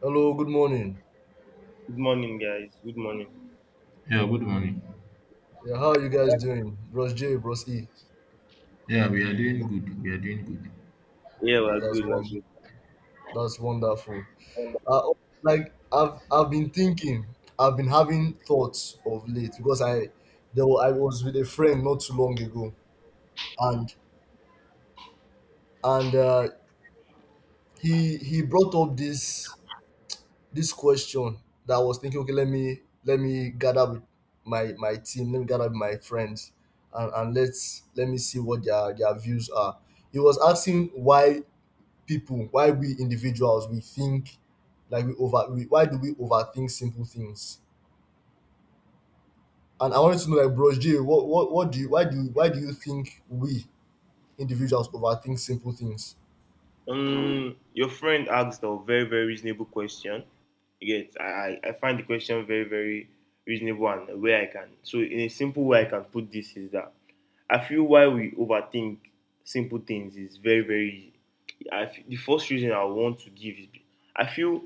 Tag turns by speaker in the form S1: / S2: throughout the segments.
S1: Hello, good morning.
S2: Good morning, guys. Good morning.
S3: Yeah, good morning.
S1: Yeah, how are you guys doing? Bros J, Bros E.
S3: Yeah, we are doing good. We are doing good.
S2: Yeah, we're
S1: That's
S2: good. We're
S1: one.
S2: good.
S1: That's wonderful. Uh, I've been thinking, I've been having thoughts of late because I was with a friend not too long ago, and and he brought up this question that I was thinking. Okay, let me gather with my team. Let me gather with my friends, and let me see what their views are. He was asking why we individuals we think like we over we, why do we overthink simple things, and I wanted to know, like, Bros J, what do you why do you why do you think we individuals overthink simple things?
S2: Your friend asked a very, very reasonable question. Yes, I find the question very, very reasonable and a way I can. So, in a simple way, I can put this is that I feel why we overthink simple things is very, very. The first reason I want to give is I feel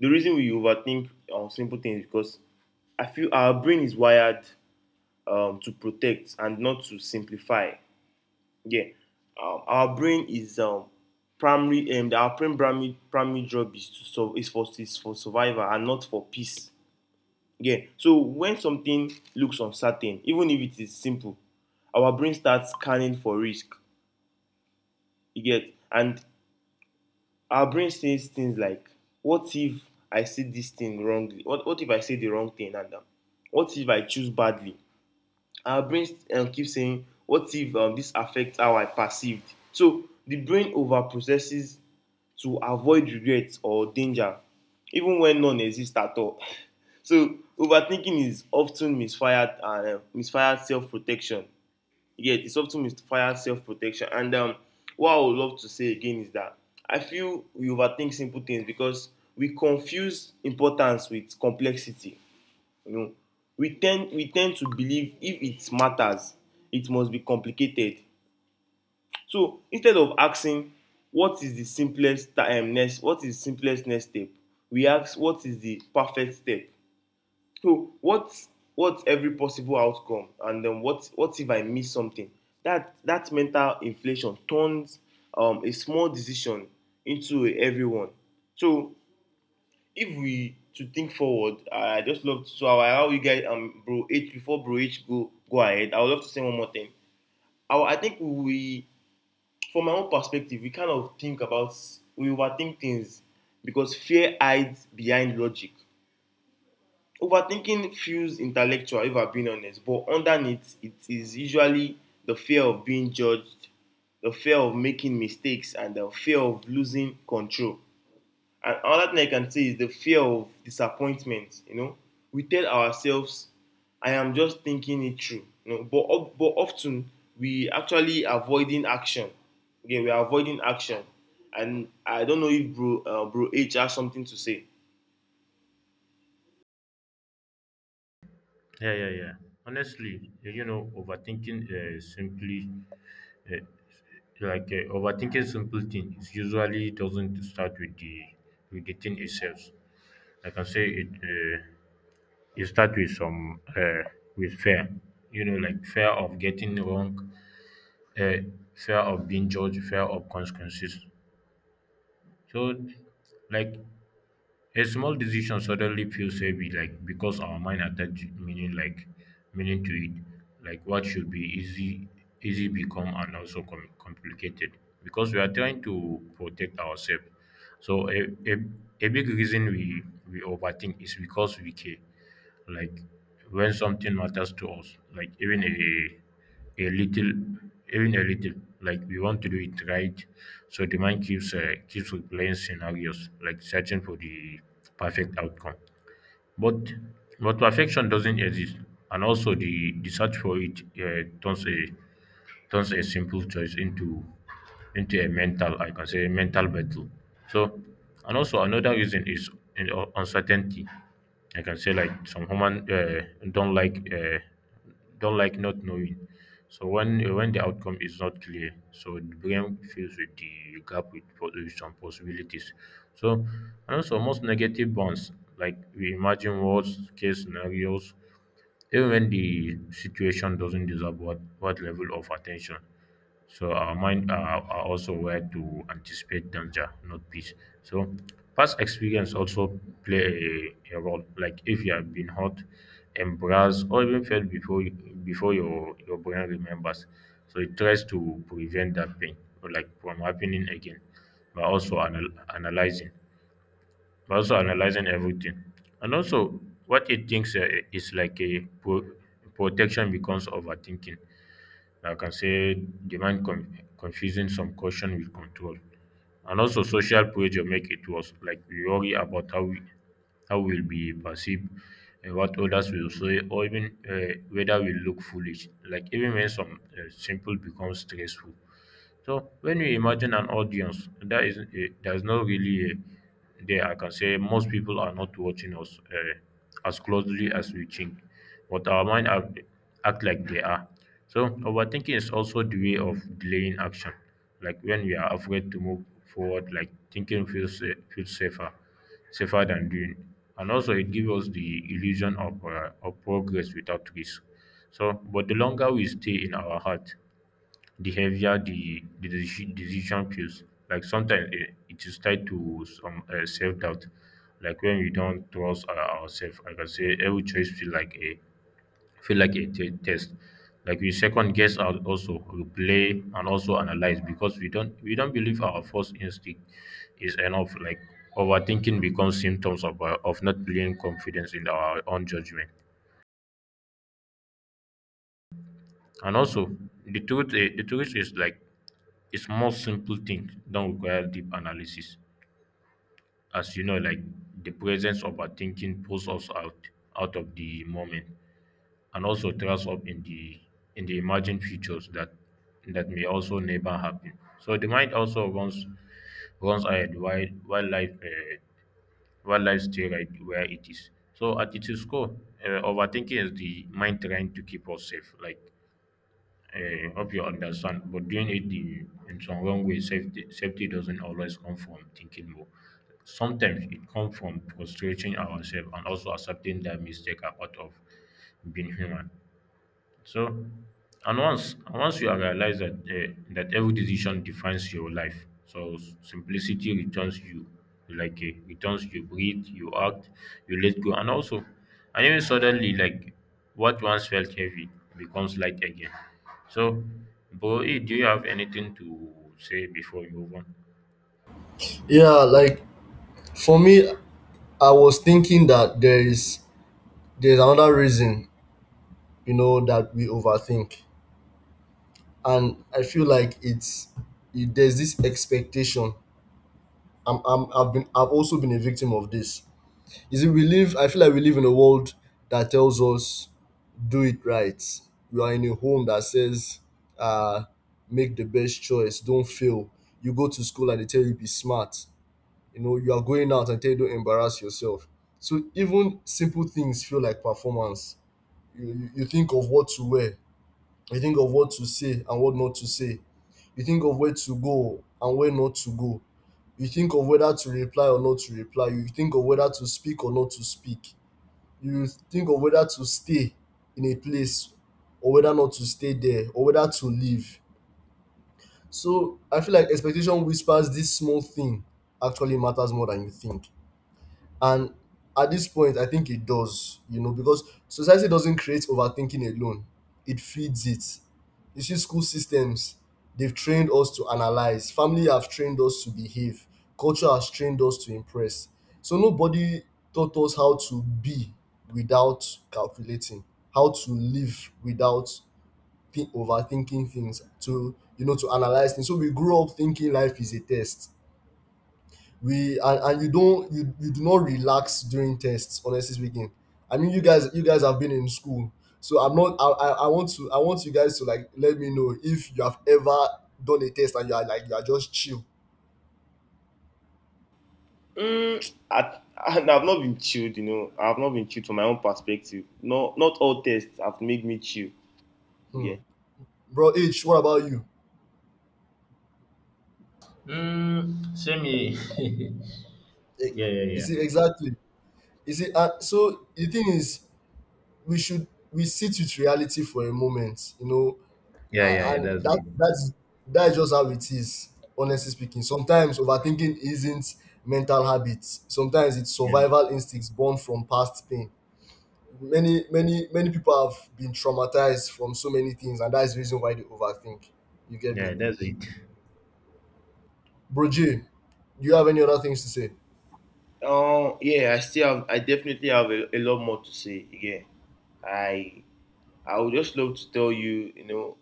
S2: the reason we overthink on simple things is because I feel our brain is wired to protect and not to simplify. Yeah. Our brain is primary. Our brain primary job is to so is for survival and not for peace. Yeah. So when something looks uncertain, even if it is simple, our brain starts scanning for risk. You get, and our brain says things like, "What if I say this thing wrongly? What if I say the wrong thing? And what if I choose badly?" Our brain keeps saying, "What if this affects how I perceived?" So the brain overprocesses to avoid regrets or danger even when none exists at all. So overthinking is often misfired self protection. Yeah, it's often misfired self protection, and what I would love to say again is that I feel we overthink simple things because we confuse importance with complexity. You know, we tend to believe if it matters, it must be complicated. So instead of asking what is the simplest next what is the simplest next step, we ask what is the perfect step. So what, what's every possible outcome, and then what if I miss something? That mental inflation turns a small decision into a heavy one. So if we to think forward, I just love so how you guys bro H, before bro H go ahead. I would love to say one more thing. I think we, from my own perspective, we kind of think about we overthink things because fear hides behind logic. Overthinking feels intellectual, if I'm being honest, but underneath it is usually the fear of being judged, the fear of making mistakes, and the fear of losing control. And another thing I can say is the fear of disappointment. You know, we tell ourselves, "I am just thinking it through." You know, but often we actually avoiding action. Okay, we are avoiding action, and I don't know if bro H has something to say.
S3: Yeah, yeah, yeah. Honestly, overthinking simply, uh, like overthinking simple things usually doesn't start with the thing itself. Like I can say it start with some with fear. You know, like fear of getting wrong, uh, fear of being judged, fear of consequences. So, like a small decision suddenly feels heavy, like because our mind attached meaning, like meaning to it. Like what should be easy, easy become and also complicated because we are trying to protect ourselves. So a big reason we overthink is because we care, like when something matters to us, like even a little, even a little, like we want to do it right. So the mind keeps keeps replaying scenarios, like searching for the perfect outcome, but perfection doesn't exist, and also the search for it turns a simple choice into a mental, I can say, mental battle. So, and also another reason is in uncertainty. I can say like some human don't like uh, don't like not knowing. So when the outcome is not clear, so the brain fills with the gap with, with some possibilities. So, and also most negative bonds, like we imagine worst case scenarios, even when the situation doesn't deserve what level of attention. So our mind are also aware to anticipate danger, not peace. So past experience also play a role. Like if you have been hurt, embarrassed, or even failed before your brain remembers, so it tries to prevent that pain, or like from happening again, but also analyzing. But also analyzing everything and also what it thinks is like a protection becomes overthinking. I can say the mind confusing some caution with control. And also social pressure make it worse, like we worry about how we'll be perceived and what others will say, or even whether we look foolish, like even when some simple becomes stressful. So when you imagine an audience, that is a, there's not really a, there. I can say most people are not watching us as closely as we think, but our mind act like they are. So overthinking is also the way of delaying action. Like when we are afraid to move forward, like thinking feels feels safer, safer than doing, and also it gives us the illusion of progress without risk. So, but the longer we stay in our heart, the heavier the decision feels. Like sometimes it, it is tied to some self doubt. Like when we don't trust ourselves, like I can say every choice feel like a test. Like we second guess our, also replay and also analyze because we don't believe our first instinct is enough. Like overthinking becomes symptoms of not being confidence in our own judgment. And also, the truth, the truth is like a small simple thing don't require deep analysis. As you know, like the presence of our thinking pulls us out out of the moment and also throws up in the imagined futures that that may also never happen. So the mind also runs runs ahead while life stay right where it is. So at its core, overthinking is the mind trying to keep us safe, like hope you understand, but doing it the, in some wrong way. Safety, safety doesn't always come from thinking more. Sometimes it comes from frustrating ourselves and also accepting that mistakes are part of being human. So, And once you have realized that every decision defines your life, so simplicity returns you, like returns you, breathe, you act, you let go, and also, and even suddenly, like what once felt heavy becomes light again. So, bro, eh, do you have anything to say before we move on?
S1: Yeah, like, for me, I was thinking that there's another reason, you know, that we overthink, and I feel like there's this expectation. I've also been a victim of this. Is it We live, I feel like we live in a world that tells us, "Do it right." You are in a home that says, uh, "Make the best choice, don't fail." You go to school and they tell you, "Be smart." You know, you are going out and tell you, "Don't embarrass yourself." So even simple things feel like performance. You think of what to wear, you think of what to say and what not to say. You think of where to go and where not to go. You think of whether to reply or not to reply. You think of whether to speak or not to speak, you think of whether to stay in a place, or whether not to stay there, or whether to leave. So I feel like expectation whispers this small thing actually matters more than you think. And at this point, I think it does, you know, because society doesn't create overthinking alone, it feeds it. You see, school systems, they've trained us to analyze, family have trained us to behave, culture has trained us to impress. So nobody taught us how to be without calculating, how to live without overthinking things, to, you know, to analyze things. So we grew up thinking life is a test, and you don't you, you do not relax during tests, honestly speaking. I mean, you guys have been in school, so I'm not I I want to, I want you guys to, like, let me know if you have ever done a test and you are like, you are just chill.
S2: Mm, I, I've not been chilled, you know. I've not been chilled from my own perspective. No, not all tests have made me chill. Yeah.
S1: Hmm. Bro H, what about you?
S3: Mm, same here.
S1: Eh,
S3: Yeah, yeah,
S1: you
S3: yeah.
S1: see exactly. You see, so the thing is, we should we sit with reality for a moment, you know.
S3: Yeah, yeah,
S1: I,
S3: yeah.
S1: and
S3: That's
S1: that
S3: it.
S1: that's that's just how it is, honestly speaking. Sometimes overthinking isn't mental habits, sometimes it's
S3: Yes.
S1: survival instincts born from past pain. Many people have been traumatized from so many things, and that's the reason why they overthink. You get me?
S3: Yeah, that's it.
S1: Bro Jay, do you have any other things to say?
S2: Yeah, I still have. I definitely have a lot more to say. Yeah. I I would just love to tell you, you know,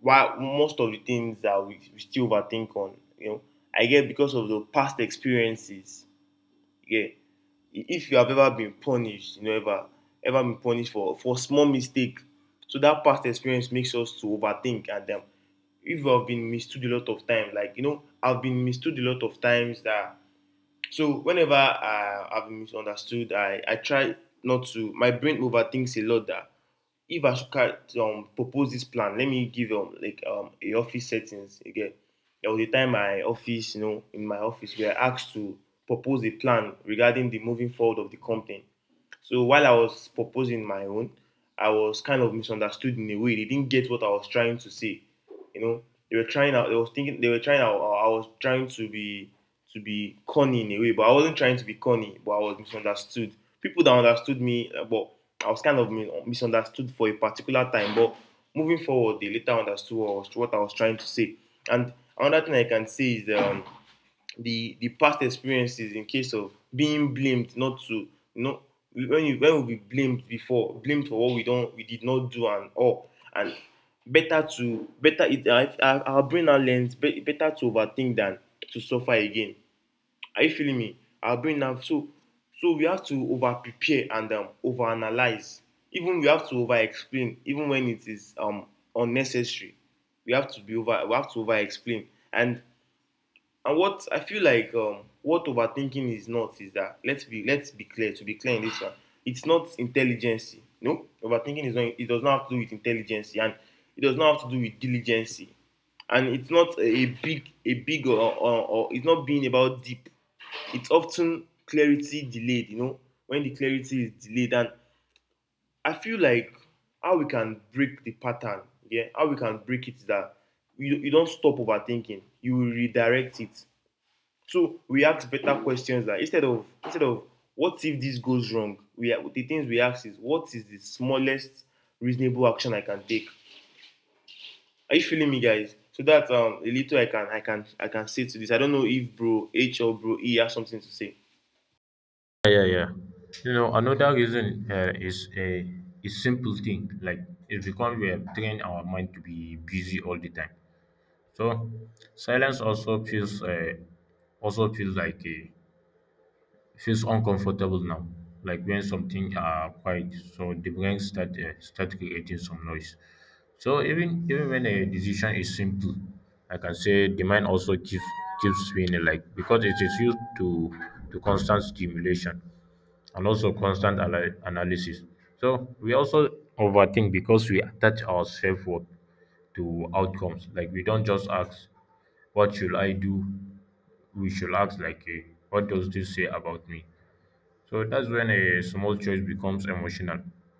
S2: why most of the things that we still overthink on, you know, I get because of the past experiences. Yeah. If you have ever been punished, you know, ever been punished for a small mistake, so that past experience makes us to overthink. And if you have been mistook a lot of times, like you know, I've been mistook a lot of times that so whenever I've been misunderstood, I try not to my brain overthinks a lot that if Asuka propose this plan, let me give like a office settings again. There was a time my office, you know, in my office, we were asked to propose a plan regarding the moving forward of the company. So while I was proposing my own, I was kind of misunderstood in a way. They didn't get what I was trying to say. You know, they were trying out. They was thinking they were trying out. I was trying to be corny in a way, but I wasn't trying to be corny. But I was misunderstood. People that understood me, but I was kind of misunderstood for a particular time. But moving forward, they later understood what I was trying to say. And another thing I can say is the past experiences in case of being blamed, not to, you know, when you when we be blamed before blamed for what we don't we did not do and all, and better it, our brain now learns better to overthink than to suffer again. Are you feeling me? Our brain now, so so we have to over prepare and over analyze. Even we have to over explain even when it is unnecessary. We have to over explain, and what I feel like, what overthinking is not is that, let's be clear to be clear in this one. It's not intelligence. No, overthinking is not. It does not have to do with intelligence, and it does not have to do with diligence, and it's not a big or it's not being about deep. It's often clarity delayed. You know, when the clarity is delayed, and I feel like how we can break the pattern. Yeah, how we can break it is that you don't stop overthinking. You will redirect it. So we ask better questions, that instead of what if this goes wrong, the things we ask is what is the smallest reasonable action I can take. Are you feeling me, guys? So that a little I can I can I can say to this. I don't know if bro H or bro E has something to say.
S3: Yeah, yeah, yeah. You know, another reason is a is simple thing, like it's because we have trained our mind to be busy all the time. So silence also feels like a feels uncomfortable now. Like when something are quiet, so the brain start start creating some noise. So even even when a decision is simple, like I can say the mind also keeps keeps spinning, like because it is used to constant stimulation and also constant analysis. So we also overthink because we attach our self worth to outcomes. Like we don't just ask, "What should I do?" We should ask, like, eh, "What does this say about me?" So that's when a small choice becomes emotional.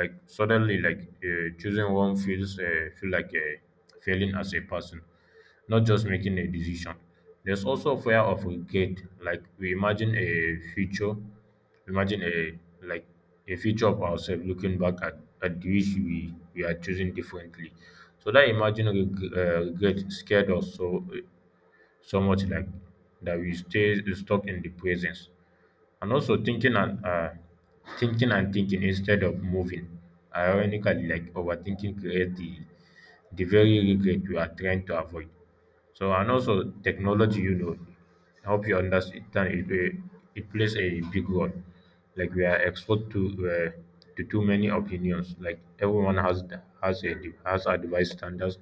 S3: Like suddenly, like choosing one feels feel like a failing as a person, not just making a decision. There's also fear of regret. Like we imagine a future, imagine a like a future of ourselves looking back at which we are choosing differently. So that imagine regret scared us. So so much like that we stay stuck in the presence and also thinking and thinking instead of moving. Ironically, like overthinking creates the very regret we are trying to avoid. So and also technology, you know, help you understand it, it plays a big role. Like we are exposed to too many opinions. Like everyone has a has advice standards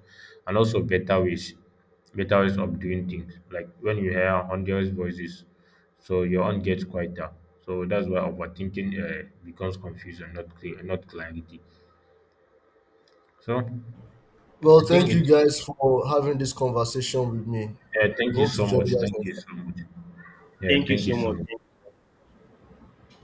S3: and also better ways of doing things. Like when you hear hundreds voices, so your own gets quieter. So that's why overthinking becomes confusion, not clear, not clarity. So I
S1: Well,
S3: think
S1: thank you
S3: it.
S1: guys for having this conversation with me.
S3: Thank you
S1: Hope to
S3: so
S1: join
S3: much.
S1: you guys
S3: Thank you
S1: next.
S3: so much. Yeah,
S2: Thank you
S3: thank you
S2: so
S3: so
S2: much.
S3: much.